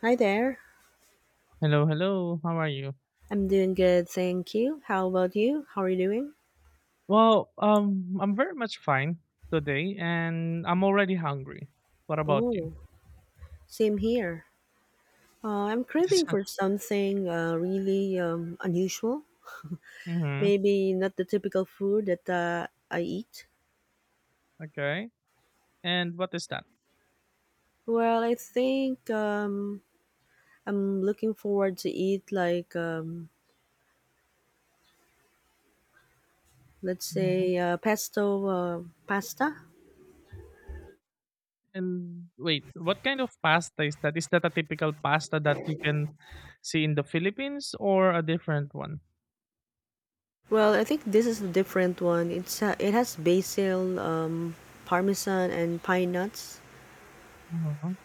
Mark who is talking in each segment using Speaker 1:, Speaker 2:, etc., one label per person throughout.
Speaker 1: Hi there.
Speaker 2: Hello, hello. How are you?
Speaker 1: I'm doing good, thank you. How about you? How are you doing?
Speaker 2: I'm very much fine today, and I'm already hungry. What about you?
Speaker 1: Oh, same here. I'm craving for something really unusual.
Speaker 2: Mm-hmm.
Speaker 1: Maybe not the typical food that I eat.
Speaker 2: Okay. And what is that?
Speaker 1: Well, I think I'm looking forward to eat like, let's
Speaker 2: Hmm.
Speaker 1: say, pesto pasta.
Speaker 2: And wait, what kind of pasta is that? Is that a typical pasta that you can see in the Philippines or a different one?
Speaker 1: Well, I think this is a different one. It has basil, parmesan, and pine nuts.
Speaker 2: Hmm.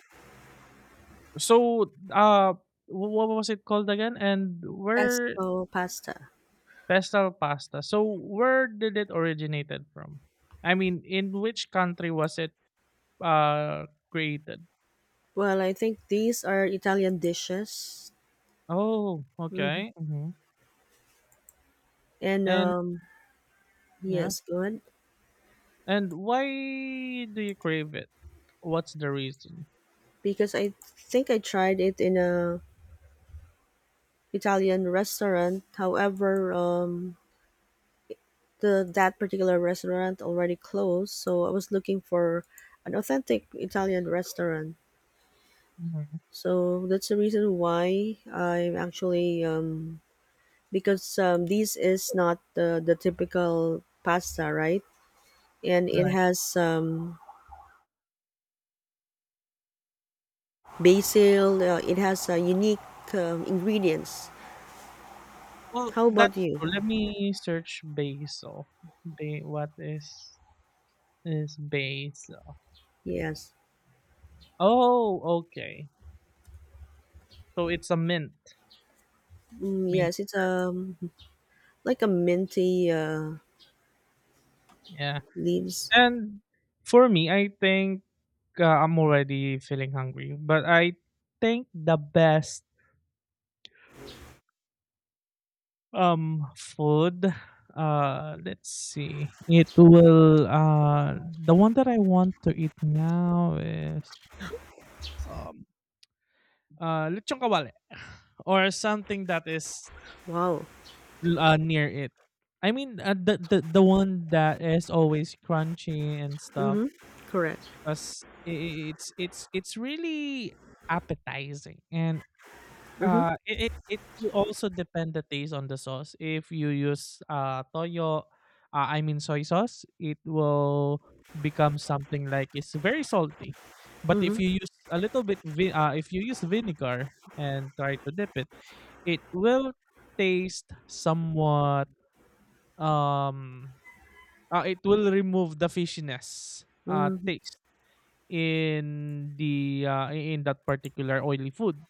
Speaker 2: So, uh, what was it called again? And where
Speaker 1: Pesto pasta.
Speaker 2: pestle pasta? So, where did it originated from? I mean, in which country was it created.
Speaker 1: Well, I think these are Italian dishes.
Speaker 2: Oh,
Speaker 1: Hmm.
Speaker 2: okay. Hmm.
Speaker 1: And
Speaker 2: And yeah.
Speaker 1: yes, good.
Speaker 2: And why do you crave it? What's the reason?
Speaker 1: Because I think I tried it in a Italian restaurant. However, the that particular restaurant already closed, so I was looking for an authentic Italian restaurant.
Speaker 2: Hmm.
Speaker 1: So that's the reason why I'm actually, because this is not the typical pasta, right? And it
Speaker 2: Right.
Speaker 1: has basil. It has unique ingredients.
Speaker 2: Well,
Speaker 1: How about
Speaker 2: that's
Speaker 1: you?
Speaker 2: true. Let me search basil. What is basil?
Speaker 1: Yes,
Speaker 2: Oh, okay. So it's a mint. Mint.
Speaker 1: yes. It's like a minty
Speaker 2: Yeah.
Speaker 1: leaves.
Speaker 2: And for me, I think I'm already feeling hungry, but I think the best food. Let's see. It will. The one that I want to eat now is um lechon kawale or something that is
Speaker 1: Wow.
Speaker 2: near it. I mean, the one that is always crunchy and stuff
Speaker 1: Mm-hmm. Correct.
Speaker 2: because it's really appetizing and
Speaker 1: Mm-hmm.
Speaker 2: It it will also depend the taste on the sauce. If you use toyo, I mean soy sauce, it will become something like it's very salty. But if you
Speaker 1: Mm-hmm.
Speaker 2: use a little bit, if you use vinegar and try to dip it, it will taste somewhat. Um, it will remove the fishiness
Speaker 1: Mm-hmm.
Speaker 2: taste in the in that particular oily food.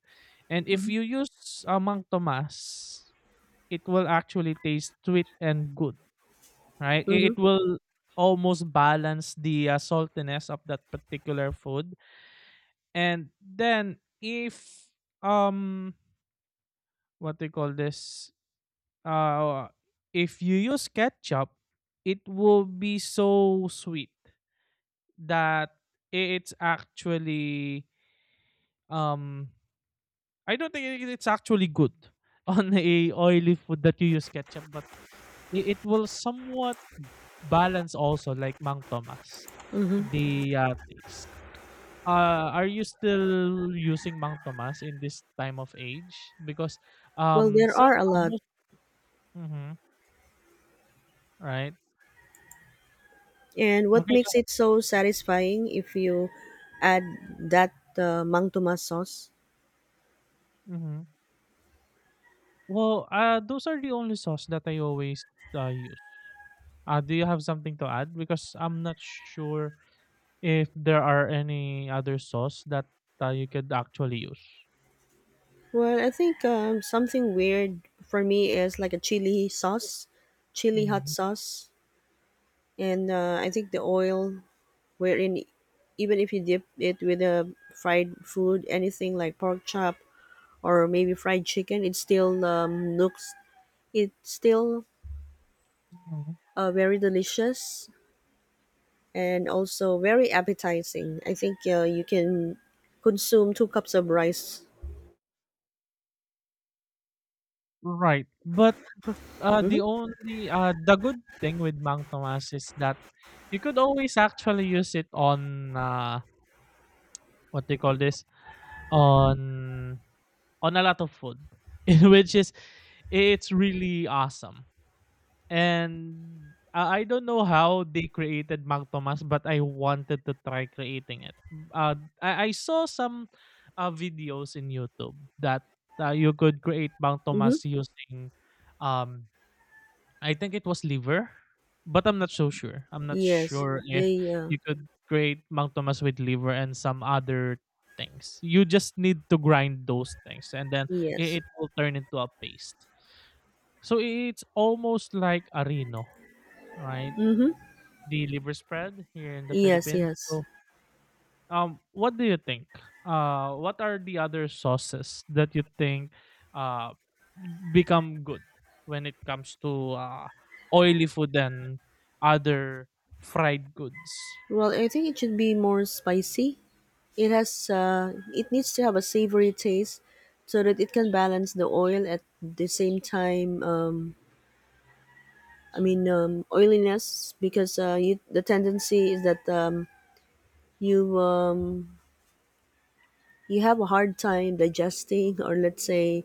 Speaker 2: And if
Speaker 1: Mm-hmm.
Speaker 2: you use Mang Tomas, it will actually taste sweet and good, right?
Speaker 1: Mm-hmm.
Speaker 2: It will almost balance the saltiness of that particular food. And then if um what do you call this? Uh if you use ketchup, it will be so sweet that it's actually um I don't think it- it's actually good on a oily food that you use ketchup, but it will somewhat balance also like Mang Tomas,
Speaker 1: Mm-hmm.
Speaker 2: the taste. Are you still using Mang Tomas in this time of age? Because
Speaker 1: Well, there
Speaker 2: so
Speaker 1: are a lot,
Speaker 2: almost mm-hmm, right?
Speaker 1: and what
Speaker 2: Okay.
Speaker 1: makes it so satisfying if you add that Mang Tomas sauce?
Speaker 2: Mm-hmm. Well, those are the only sauce that I always use. Do you have something to add? Because I'm not sure if there are any other sauce that you could actually use.
Speaker 1: Well, I think something weird for me is like a chili sauce, chili hot
Speaker 2: Mhm.
Speaker 1: sauce. And I think the oil, wherein even if you dip it with a fried food, anything like pork chop or maybe fried chicken, it still looks, it's still
Speaker 2: Mhm.
Speaker 1: very delicious and also very appetizing. I think you can consume 2 cups of rice.
Speaker 2: Right. But the only the good thing with Mang Tomas is that you could always actually use it on, what they call this? On on a lot of food, which is it's really awesome. And I don't know how they created Mang Tomas, but I wanted to try creating it. Uh, I saw some videos in YouTube that you could create Mang
Speaker 1: Mm-hmm.
Speaker 2: Tomas using um I think it was liver, but I'm not so sure. I'm not
Speaker 1: Yes,
Speaker 2: sure if
Speaker 1: they
Speaker 2: you could create Mang Tomas with liver and some other things. You just need to grind those things and then
Speaker 1: yes.
Speaker 2: it will turn into a paste. So it's almost like areno, right?
Speaker 1: Mm-hmm.
Speaker 2: The liver spread here in the
Speaker 1: Yes,
Speaker 2: Philippines.
Speaker 1: yes.
Speaker 2: So what do you think? What are the other sauces that you think uh become good when it comes to oily food and other fried goods?
Speaker 1: Well, I think it should be more spicy. It needs to have a savory taste so that it can balance the oil at the same time. I mean, oiliness, because you, the tendency is that you um, you have a hard time digesting, or let's say,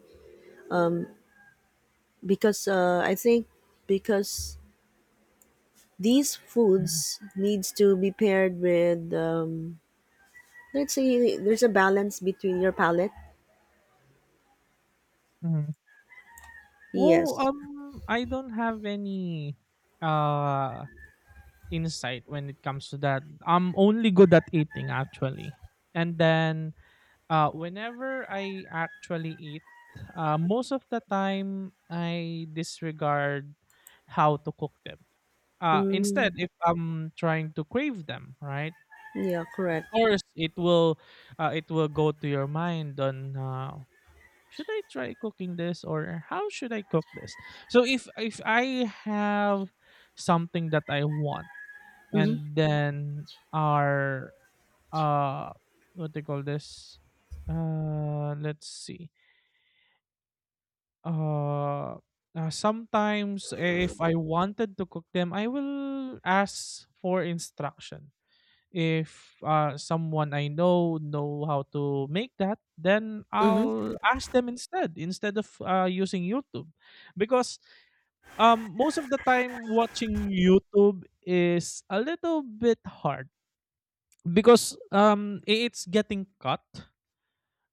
Speaker 1: because I think, because these foods needs to be paired with, let's say there's a balance between your palate.
Speaker 2: Mm-hmm. Well,
Speaker 1: Yes.
Speaker 2: I don't have any uh insight when it comes to that. I'm only good at eating actually, and then whenever I actually eat, most of the time I disregard how to cook them.
Speaker 1: Mm,
Speaker 2: Instead, if I'm trying to crave them, right?
Speaker 1: yeah.
Speaker 2: Of
Speaker 1: Correct.
Speaker 2: course, it will go to your mind on should I try cooking this or how should I cook this? So if I have something that I want
Speaker 1: Mm-hmm.
Speaker 2: and then our uh what they call this let's see Uh, sometimes eh, if I wanted to cook them, I will ask for instruction. If someone I know how to make that, then
Speaker 1: Mm-hmm.
Speaker 2: I'll ask them instead of using YouTube, because most of the time watching YouTube is a little bit hard because it's getting cut,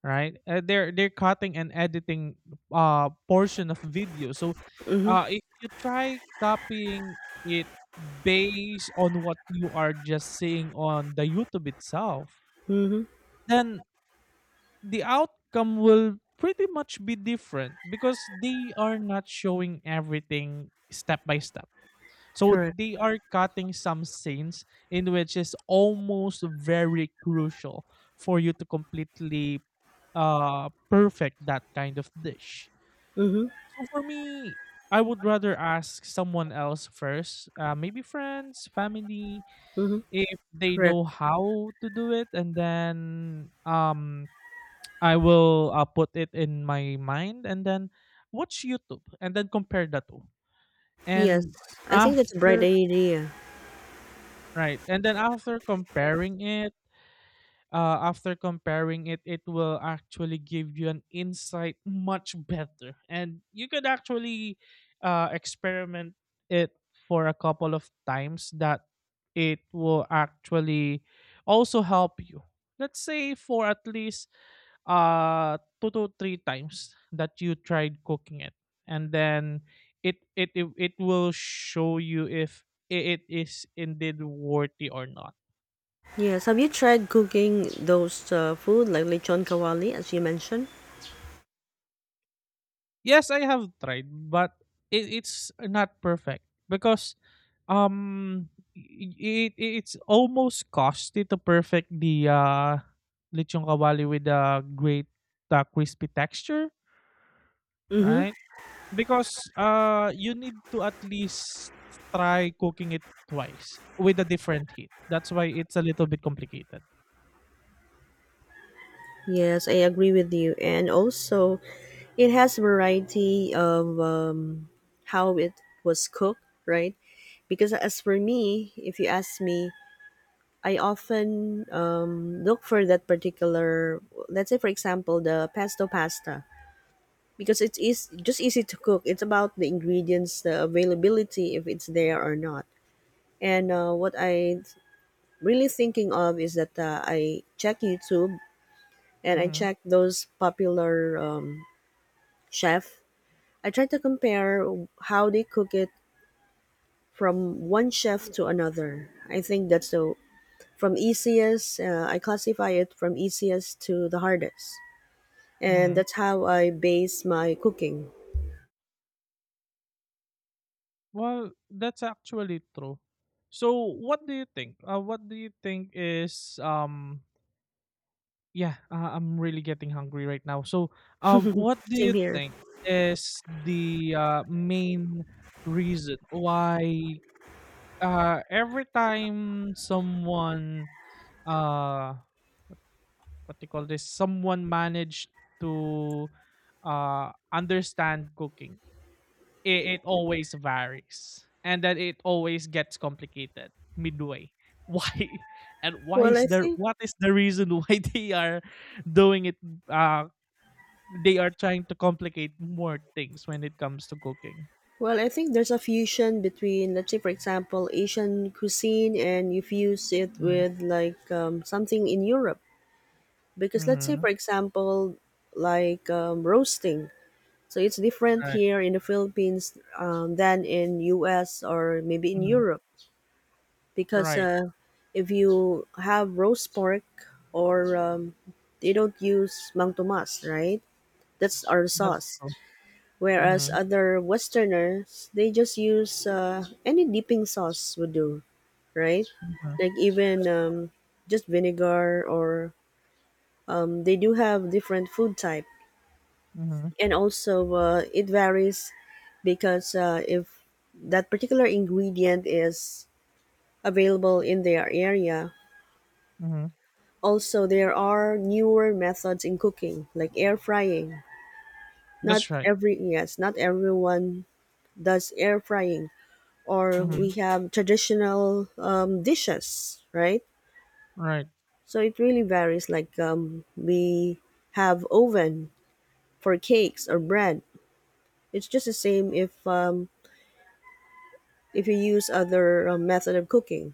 Speaker 2: right? They're cutting and editing portion of video. So
Speaker 1: Mm-hmm.
Speaker 2: if you try copying it based on what you are just seeing on the YouTube itself,
Speaker 1: Mhm.
Speaker 2: then the outcome will pretty much be different because they are not showing everything step by step so
Speaker 1: Correct.
Speaker 2: they are cutting some scenes in which is almost very crucial for you to completely perfect that kind of dish.
Speaker 1: Mhm.
Speaker 2: So for me, I would rather ask someone else first, maybe friends, family,
Speaker 1: Mhm.
Speaker 2: if they
Speaker 1: Correct.
Speaker 2: know how to do it, and then um I will put it in my mind, and then watch YouTube, and then compare the two.
Speaker 1: Yes.
Speaker 2: And
Speaker 1: I think that's a bright
Speaker 2: after
Speaker 1: idea.
Speaker 2: Right. And then after comparing it, it will actually give you an insight much better. And you could actually experiment it for a couple of times that it will actually also help you. Let's say for at least two to three times that you tried cooking it. And then it will show you if it is indeed worthy or not.
Speaker 1: Yes. Have you tried cooking those food like lechon kawali as you mentioned?
Speaker 2: Yes, I have tried but it's not perfect because um it's almost costly to perfect the lechon kawali with a great crispy texture,
Speaker 1: Mhm.
Speaker 2: right? Because, you need to at least try cooking it twice with a different heat. That's why it's a little bit complicated.
Speaker 1: Yes, I agree with you. And also, it has variety of how it was cooked, right? Because as for me, if you ask me, I often look for that particular. Let's say, for example, the pesto pasta, because it's eas just easy to cook. It's about the ingredients, the availability, if it's there or not. And what I really thinking of is that, I check YouTube and I
Speaker 2: Mhm.
Speaker 1: check those popular chef. I try to compare how they cook it from one chef to another. I think that's the from easiest. I classify it from easiest to the hardest, and
Speaker 2: Mhm.
Speaker 1: that's how I base my cooking.
Speaker 2: Well, that's actually true. So, what do you think? What do you think is yeah, I'm really getting hungry right now. So, what do
Speaker 1: Same
Speaker 2: you
Speaker 1: here.
Speaker 2: think is the main reason why every time someone uh what do you call this someone managed to understand cooking it always varies and then it always gets complicated midway why and why
Speaker 1: Well,
Speaker 2: is
Speaker 1: I
Speaker 2: there
Speaker 1: think
Speaker 2: what is the reason why they are doing it uh they are trying to complicate more things when it comes to cooking.
Speaker 1: Well, I think there's a fusion between, let's say, for example, Asian cuisine, and you fuse it
Speaker 2: Hmm.
Speaker 1: with, like, something in Europe. Because, let's say,
Speaker 2: Hmm.
Speaker 1: for example, like roasting. So it's different
Speaker 2: Right.
Speaker 1: here in the Philippines than in U.S. or maybe in
Speaker 2: Hmm.
Speaker 1: Europe, because
Speaker 2: Right.
Speaker 1: if you have roast pork or, they don't use Mang Tomas, right? That's our
Speaker 2: That's
Speaker 1: sauce.
Speaker 2: true.
Speaker 1: Whereas
Speaker 2: Hmm.
Speaker 1: other Westerners, they just use, any dipping sauce would do, right?
Speaker 2: Hmm.
Speaker 1: Like, even
Speaker 2: That's true.
Speaker 1: just vinegar, or they do have different food type,
Speaker 2: Hmm.
Speaker 1: and also, it varies because, if that particular ingredient is available in their area.
Speaker 2: Hmm.
Speaker 1: Also, there are newer methods in cooking, like air frying. Not
Speaker 2: That's right.
Speaker 1: every yes, not everyone does air frying, or
Speaker 2: Hmm.
Speaker 1: we have traditional dishes, right?
Speaker 2: Right.
Speaker 1: So it really varies. Like, we have oven for cakes or bread. It's just the same if, if you use other method of cooking.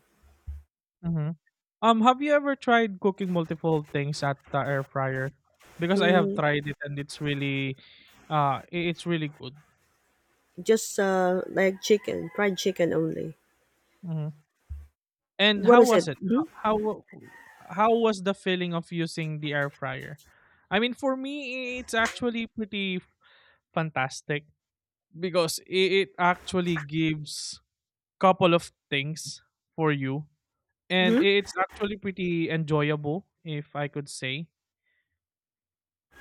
Speaker 2: Mhm. Have you ever tried cooking multiple things at the air fryer? Because I have
Speaker 1: Mm,
Speaker 2: tried it and it's really, it's really good.
Speaker 1: just like chicken, fried chicken only.
Speaker 2: Hmm. And
Speaker 1: What
Speaker 2: how
Speaker 1: is it?
Speaker 2: was it?
Speaker 1: Hmm.
Speaker 2: How was the feeling of using the air fryer? I mean, for me, it's actually pretty fantastic because it actually gives couple of things for you, and
Speaker 1: Hmm.
Speaker 2: it's actually pretty enjoyable, if I could say.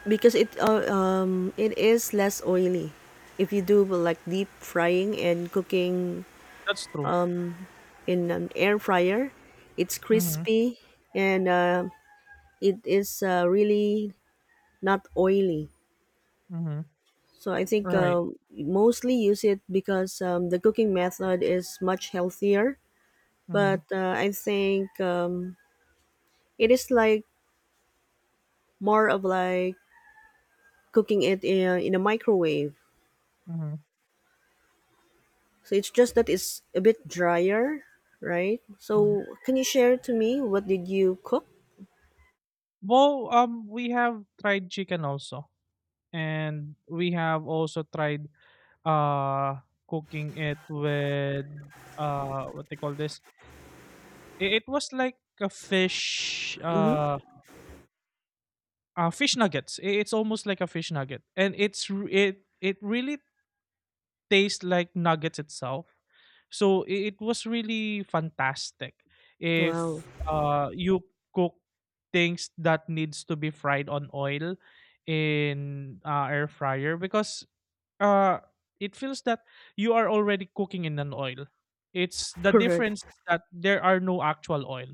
Speaker 1: Because it is less oily. If you do like deep frying and cooking
Speaker 2: That's true.
Speaker 1: in an air fryer, it's
Speaker 2: Mhm,
Speaker 1: crispy, and it is really not oily.
Speaker 2: mhm.
Speaker 1: So I think
Speaker 2: Right.
Speaker 1: mostly use it because, the cooking method is much healthier.
Speaker 2: Mhm,
Speaker 1: But I think, it is like more of like cooking it in a microwave.
Speaker 2: mhm,
Speaker 1: So it's just that it's a bit drier, right?
Speaker 2: mhm.
Speaker 1: So can you share to me what did you cook?
Speaker 2: Well, we have tried chicken also, and we have also tried, uh, cooking it with, what they call this? It was like a fish,
Speaker 1: Mm-hmm.
Speaker 2: fish nuggets. I It's almost like a fish nugget, and it's r it it really taste like nuggets itself. So it was really fantastic
Speaker 1: Wow,
Speaker 2: if you cook things that needs to be fried on oil in air fryer because uh, it feels that you are already cooking in an oil. It's the
Speaker 1: correct.
Speaker 2: difference is that there are no actual oil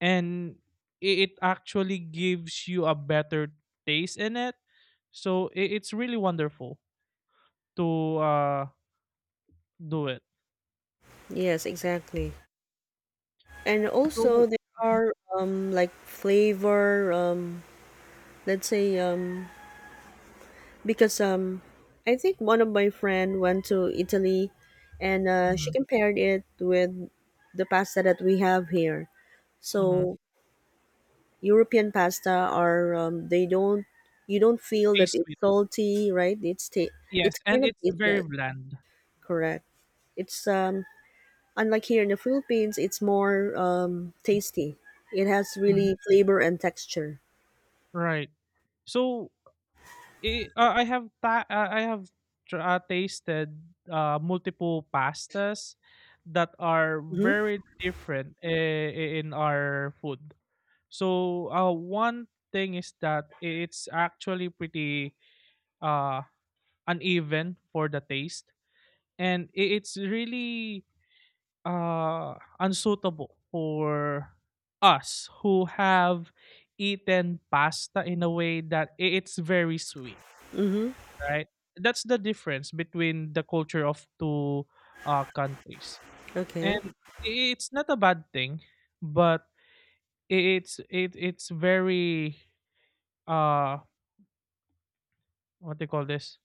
Speaker 2: and it actually gives you a better taste in it. So it's really wonderful to uh, do it.
Speaker 1: Yes, exactly. And also,
Speaker 2: So
Speaker 1: there
Speaker 2: mhm,
Speaker 1: are like flavor, let's say, because I think one of my friend went to Italy, and she
Speaker 2: mhm,
Speaker 1: compared it with the pasta that we have here.
Speaker 2: mhm.
Speaker 1: So European pasta are, they don't, you don't feel that
Speaker 2: Taste
Speaker 1: it's
Speaker 2: sweet.
Speaker 1: salty, right? It's
Speaker 2: Yes,
Speaker 1: kind
Speaker 2: and
Speaker 1: of
Speaker 2: it's very
Speaker 1: tasteless,
Speaker 2: bland.
Speaker 1: correct? It's, unlike here in the Philippines, it's more tasty. It has
Speaker 2: Mhm.
Speaker 1: really flavor and texture.
Speaker 2: Right. So I have tasted multiple pastas that are
Speaker 1: Mhm.
Speaker 2: very different in our food. So one thing is that it's actually pretty uh, uneven for the taste, and it's really uh, unsuitable for us who have eaten pasta in a way that it's very sweet,
Speaker 1: Mhm.
Speaker 2: right? That's the difference between the culture of two countries,
Speaker 1: Okay.
Speaker 2: and it's not a bad thing, but it's very uh what do you call this?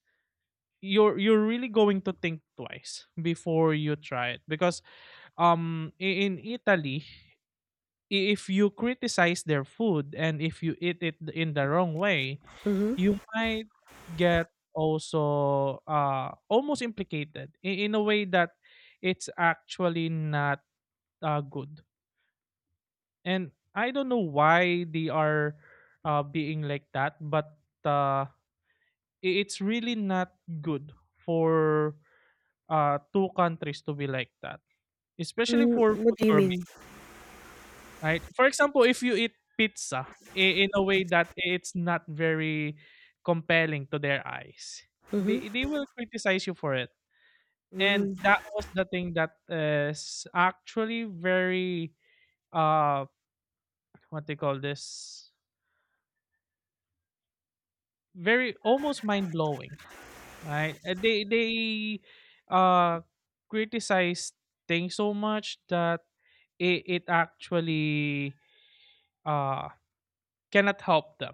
Speaker 2: You're really going to think twice before you try it because in Italy if you criticize their food and if you eat it in the wrong way,
Speaker 1: Mhm.
Speaker 2: you might get also almost implicated in a way that it's actually not good. And I don't know why they are being like that, but uh, it's really not good for two countries to be like that, especially
Speaker 1: Mm,
Speaker 2: for
Speaker 1: what
Speaker 2: food.
Speaker 1: do you mean?
Speaker 2: Right? For example, if you eat pizza in a way that it's not very compelling to their eyes, they will criticize you for it. And
Speaker 1: Mhm.
Speaker 2: that was the thing that is actually very uh what they call this very almost mind blowing, right? They uh criticize things so much that it actually uh cannot help them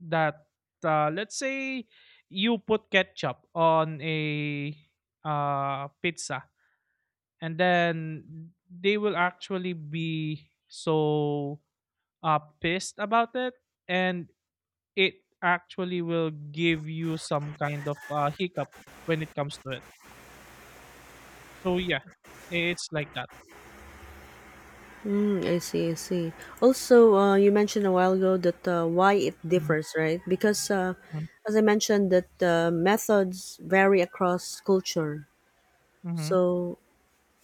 Speaker 2: that let's say you put ketchup on a pizza, and then they will actually be so pissed about it. And it actually will give you some kind of hiccup when it comes to it, so yeah, it's like that.
Speaker 1: I see, I see. Also, you mentioned a while ago that, why it
Speaker 2: Mm-hmm.
Speaker 1: differs, right? Because, as I mentioned, that methods vary across culture.
Speaker 2: Mm-hmm.
Speaker 1: So,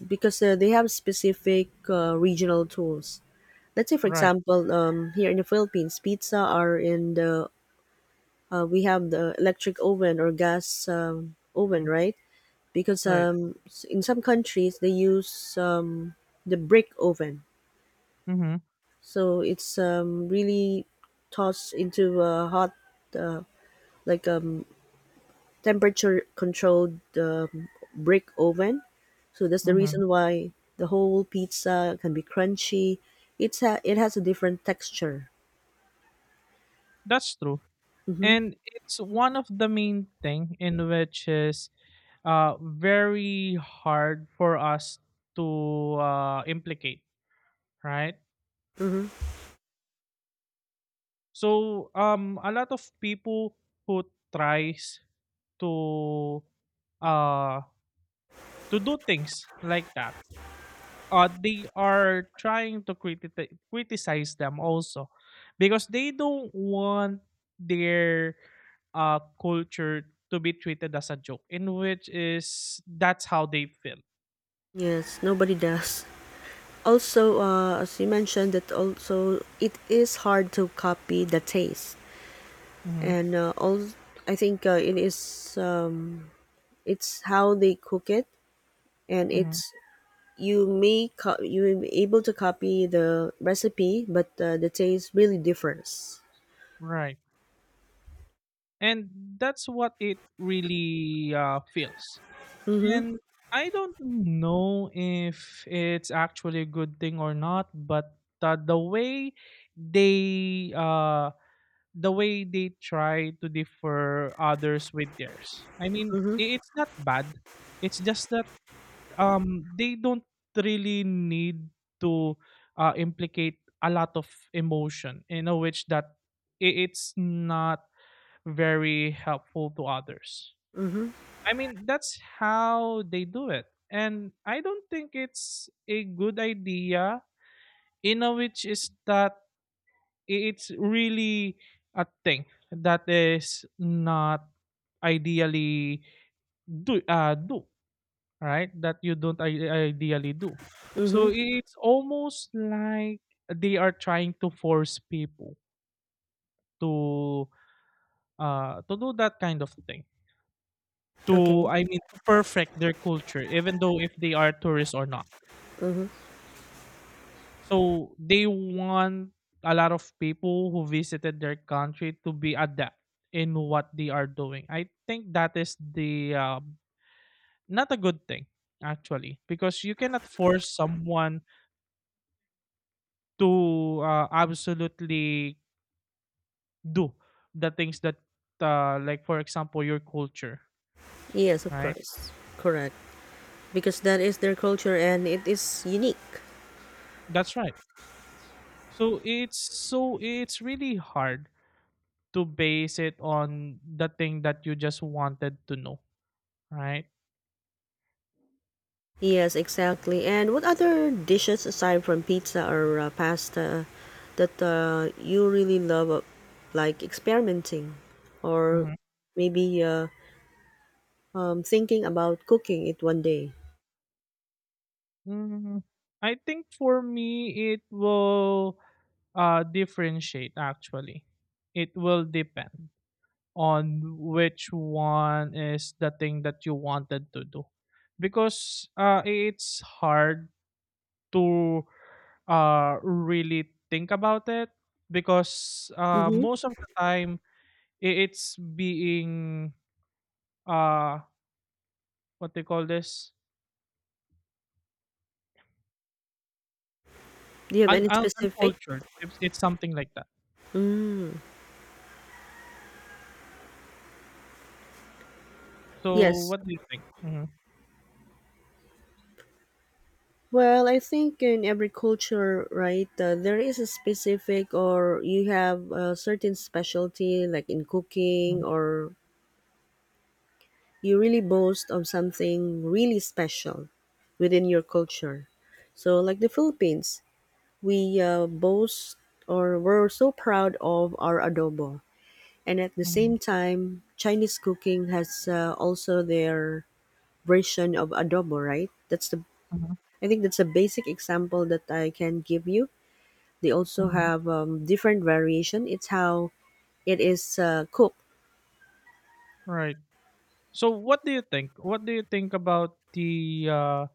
Speaker 1: because they have specific regional tools. Let's say, for
Speaker 2: Right.
Speaker 1: example, here in the Philippines, pizza are in the, we have the electric oven or gas oven,
Speaker 2: Mm.
Speaker 1: right? Because,
Speaker 2: Right.
Speaker 1: in some countries they use the brick oven,
Speaker 2: Mm-hmm.
Speaker 1: so it's really tossed into a hot, uh, like, temperature controlled, brick oven, so that's the
Speaker 2: Mm-hmm.
Speaker 1: reason why the whole pizza can be crunchy, it has a different texture.
Speaker 2: That's true.
Speaker 1: Mm-hmm.
Speaker 2: And it's one of the main thing in which is very hard for us to implicate, right?
Speaker 1: Mm-hmm.
Speaker 2: So a lot of people who tries to uh, to do things like that, they are trying to criticize them also, because they don't want their culture to be treated as a joke, in which is that's how they feel.
Speaker 1: Yes, nobody does. Also, as you mentioned, that also it is hard to copy the taste,
Speaker 2: Hmm.
Speaker 1: and, all I think, it's how they cook it, and
Speaker 2: Hmm.
Speaker 1: it's you may be able to copy the recipe, but, the taste really differs.
Speaker 2: Right. And that's what it really feels. And I don't know if it's actually a good thing or not, but they uh the way they try to differ others with theirs, I mean,
Speaker 1: Mm-hmm.
Speaker 2: it's not bad, it's just that they don't really need to implicate a lot of emotion. In know which that it's not very helpful to others.
Speaker 1: Mm-hmm.
Speaker 2: I mean, that's how they do it. And I don't think it's a good idea, in a which is that it's really a thing that is not ideally do, do, right? That you don't ideally do.
Speaker 1: Mm-hmm.
Speaker 2: So it's almost like they are trying to force people to to do that kind of thing to,
Speaker 1: Okay.
Speaker 2: I mean, to perfect their culture, even though if they are tourists or not.
Speaker 1: Mm-hmm.
Speaker 2: So they want a lot of people who visited their country to be adept in what they are doing. I think that is the not a good thing actually, because you cannot force someone to absolutely do the things that like for example your culture,
Speaker 1: Yes, of
Speaker 2: right?
Speaker 1: course. Correct. Because that is their culture, and it is unique.
Speaker 2: That's right. So it's so it's really hard to base it on the thing that you just wanted to know, right?
Speaker 1: Yes, exactly. And what other dishes aside from pizza or, pasta that, you really love, like experimenting, or
Speaker 2: Mhm.
Speaker 1: maybe thinking about cooking it one day?
Speaker 2: Mm, I think for me, it will differentiate actually. It will depend on which one is the thing that you wanted to do. Because it's hard to really think about it, because
Speaker 1: Mm-hmm.
Speaker 2: most of the time it's being uh, what they call this,
Speaker 1: Do you have
Speaker 2: un
Speaker 1: any
Speaker 2: un
Speaker 1: specific?
Speaker 2: uncultured. It's something like that.
Speaker 1: Mm,
Speaker 2: So
Speaker 1: yes.
Speaker 2: what do you think? Mhm,
Speaker 1: Well, I think in every culture, right, there is a specific, or you have a certain specialty, like in cooking,
Speaker 2: mhm,
Speaker 1: or you really boast of something really special within your culture. So, like the Philippines, we boast, or we're so proud of our adobo. And at the
Speaker 2: mhm,
Speaker 1: same time, Chinese cooking has also their version of adobo, right? That's the
Speaker 2: mhm,
Speaker 1: I think that's a basic example that I can give you. They also
Speaker 2: mhm.
Speaker 1: have different variation. It's how it is cooked.
Speaker 2: Right. So what do you think? What do you think about uh,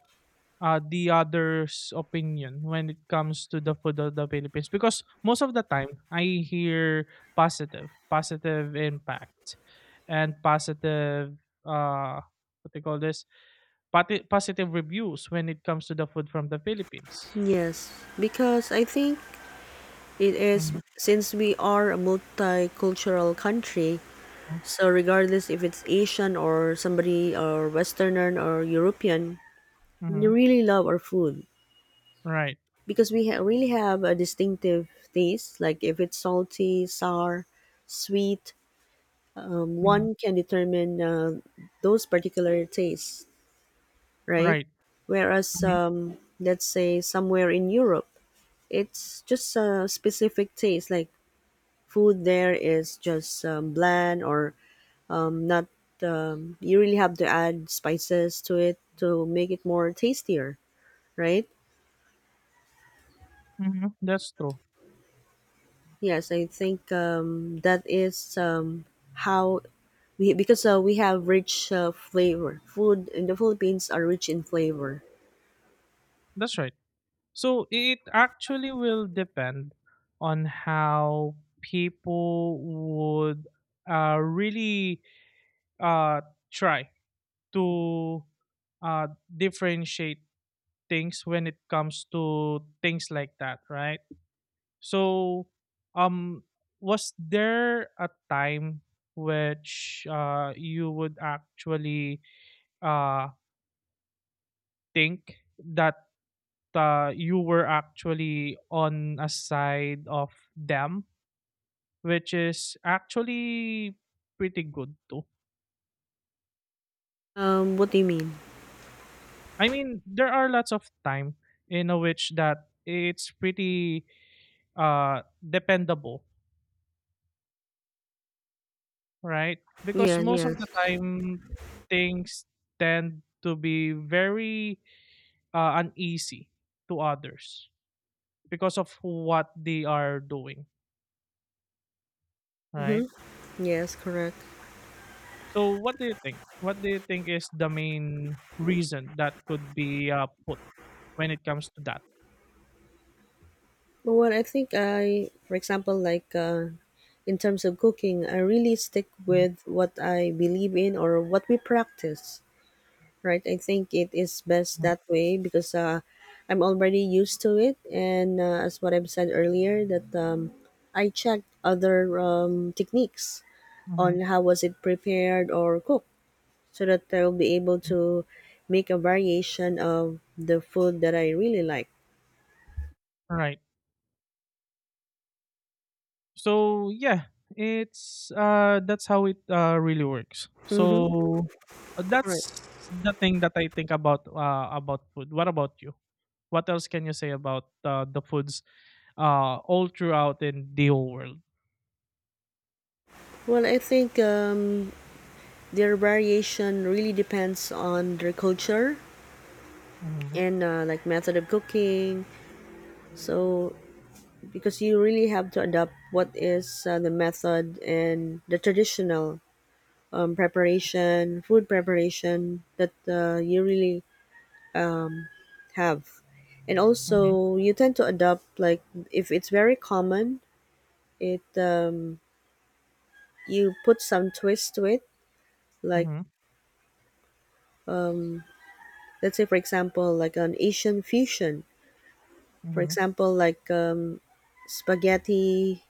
Speaker 2: uh, the other's opinion when it comes to the food of the Philippines? Because most of the time I hear positive, positive impact and positive uh what they call this, positive reviews when it comes to the food from the Philippines.
Speaker 1: Yes, because I think it is,
Speaker 2: Mm-hmm.
Speaker 1: since we are a multicultural country, so regardless if it's Asian or somebody or Westerner or European, we
Speaker 2: Hmm.
Speaker 1: really love our food
Speaker 2: Right.
Speaker 1: because we really have a distinctive taste. Like if it's salty, sour, sweet,
Speaker 2: Mhm.
Speaker 1: one can determine, those particular tastes, right?
Speaker 2: Right.
Speaker 1: Whereas,
Speaker 2: Mhm.
Speaker 1: let's say somewhere in Europe, it's just a specific taste. Like, food there is just bland or not. You really have to add spices to it to make it more tastier, right?
Speaker 2: Mhm. That's true.
Speaker 1: Yes, I think, that is, how we, because, we have rich flavor. Food in the Philippines are rich in flavor.
Speaker 2: That's right. So it actually will depend on how people would really uh, try to uh, differentiate things when it comes to things like that, right? So, um, was there a time which you would actually uh, think that you were actually on a side of them, which is actually pretty good too.
Speaker 1: What do you mean?
Speaker 2: I mean, there are lots of time in a which that it's pretty dependable, right? Because
Speaker 1: Yeah,
Speaker 2: most of the
Speaker 1: yes.
Speaker 2: time, things tend to be very uneasy to others because of what they are doing, right?
Speaker 1: Mm-hmm. Yes, correct.
Speaker 2: So what do you think? What do you think is the main reason that could be put when it comes to that?
Speaker 1: But what I think, I, for example, like in terms of cooking, I really stick
Speaker 2: Hmm.
Speaker 1: with what I believe in or what we practice, right? I think it is best that way because, I'm already used to it. And as what I've said earlier, that, I checked other techniques
Speaker 2: Hmm.
Speaker 1: on how was it prepared or cooked, so that I will be able to make a variation of the food that I really like.
Speaker 2: Right. So yeah, it's that's how it really works.
Speaker 1: Mm-hmm.
Speaker 2: So
Speaker 1: Correct.
Speaker 2: that's the thing that I think about food. What about you? What else can you say about the foods all throughout in the whole world?
Speaker 1: Well, I think, their variation really depends on their culture
Speaker 2: Mm-hmm.
Speaker 1: and, like method of cooking. So, because you really have to adapt what is, the method and the traditional preparation, food preparation that, you really have. And
Speaker 2: Mm-hmm.
Speaker 1: also, you tend to adopt, like, if it's very common, it you put some twist to it, like, let's say, for example, like an Asian fusion, for
Speaker 2: Mm-hmm.
Speaker 1: example, like spaghetti,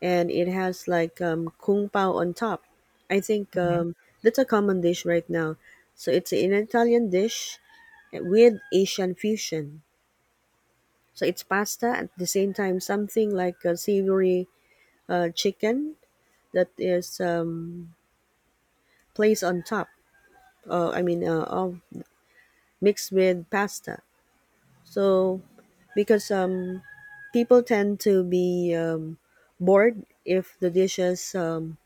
Speaker 1: and it has, like, kung pao on top. i think
Speaker 2: Mm-hmm.
Speaker 1: um, that's a common dish right now, so it's an Italian dish with Asian fusion, so it's pasta at the same time something like a savory chicken that is placed on top, I mean, of mixed with pasta. So, because people tend to be bored if the dishes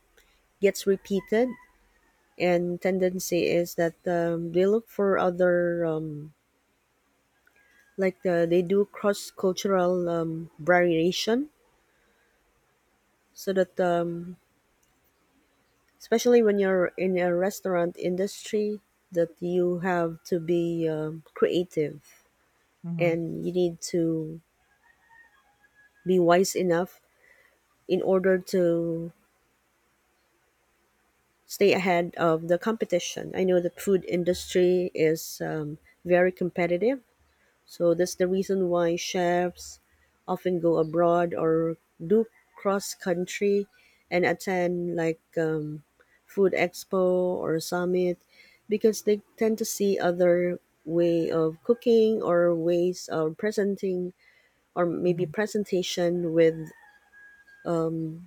Speaker 1: gets repeated, and tendency is that, they look for other, like, they do cross cultural variation, so that, especially when you're in a restaurant industry, that you have to be creative, and you need to be wise enough in order to stay ahead of the competition. I know the food industry is very competitive, so that's the reason why chefs often go abroad or do cross country and attend, like, food expo or summit, because they tend to see other way of cooking or ways of presenting, or maybe
Speaker 2: Mm-hmm.
Speaker 1: presentation with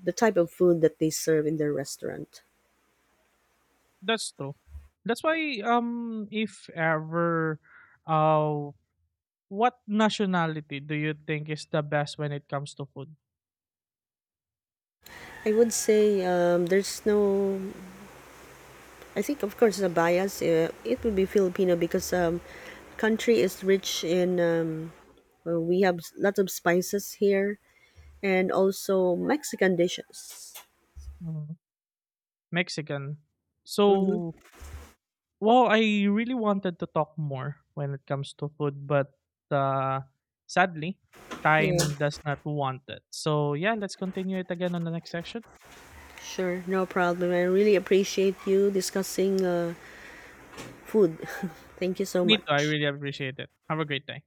Speaker 1: the type of food that they serve in their restaurant.
Speaker 2: That's true. That's why if ever uh what nationality do you think is the best when it comes to food?
Speaker 1: I would say, there's no, I think, of course, the bias, it would be Filipino, because, country is rich in, we have lots of spices here, and also Mexican dishes.
Speaker 2: Mm, Mexican. So,
Speaker 1: Mm-hmm.
Speaker 2: well, I really wanted to talk more when it comes to food, but uh sadly,
Speaker 1: Yeah,
Speaker 2: time does not want it. So, yeah, let's continue it again on the next section.
Speaker 1: sure, no problem. I really appreciate you discussing food. Thank you so
Speaker 2: Me too. I
Speaker 1: much.
Speaker 2: really appreciate it. Have a great day.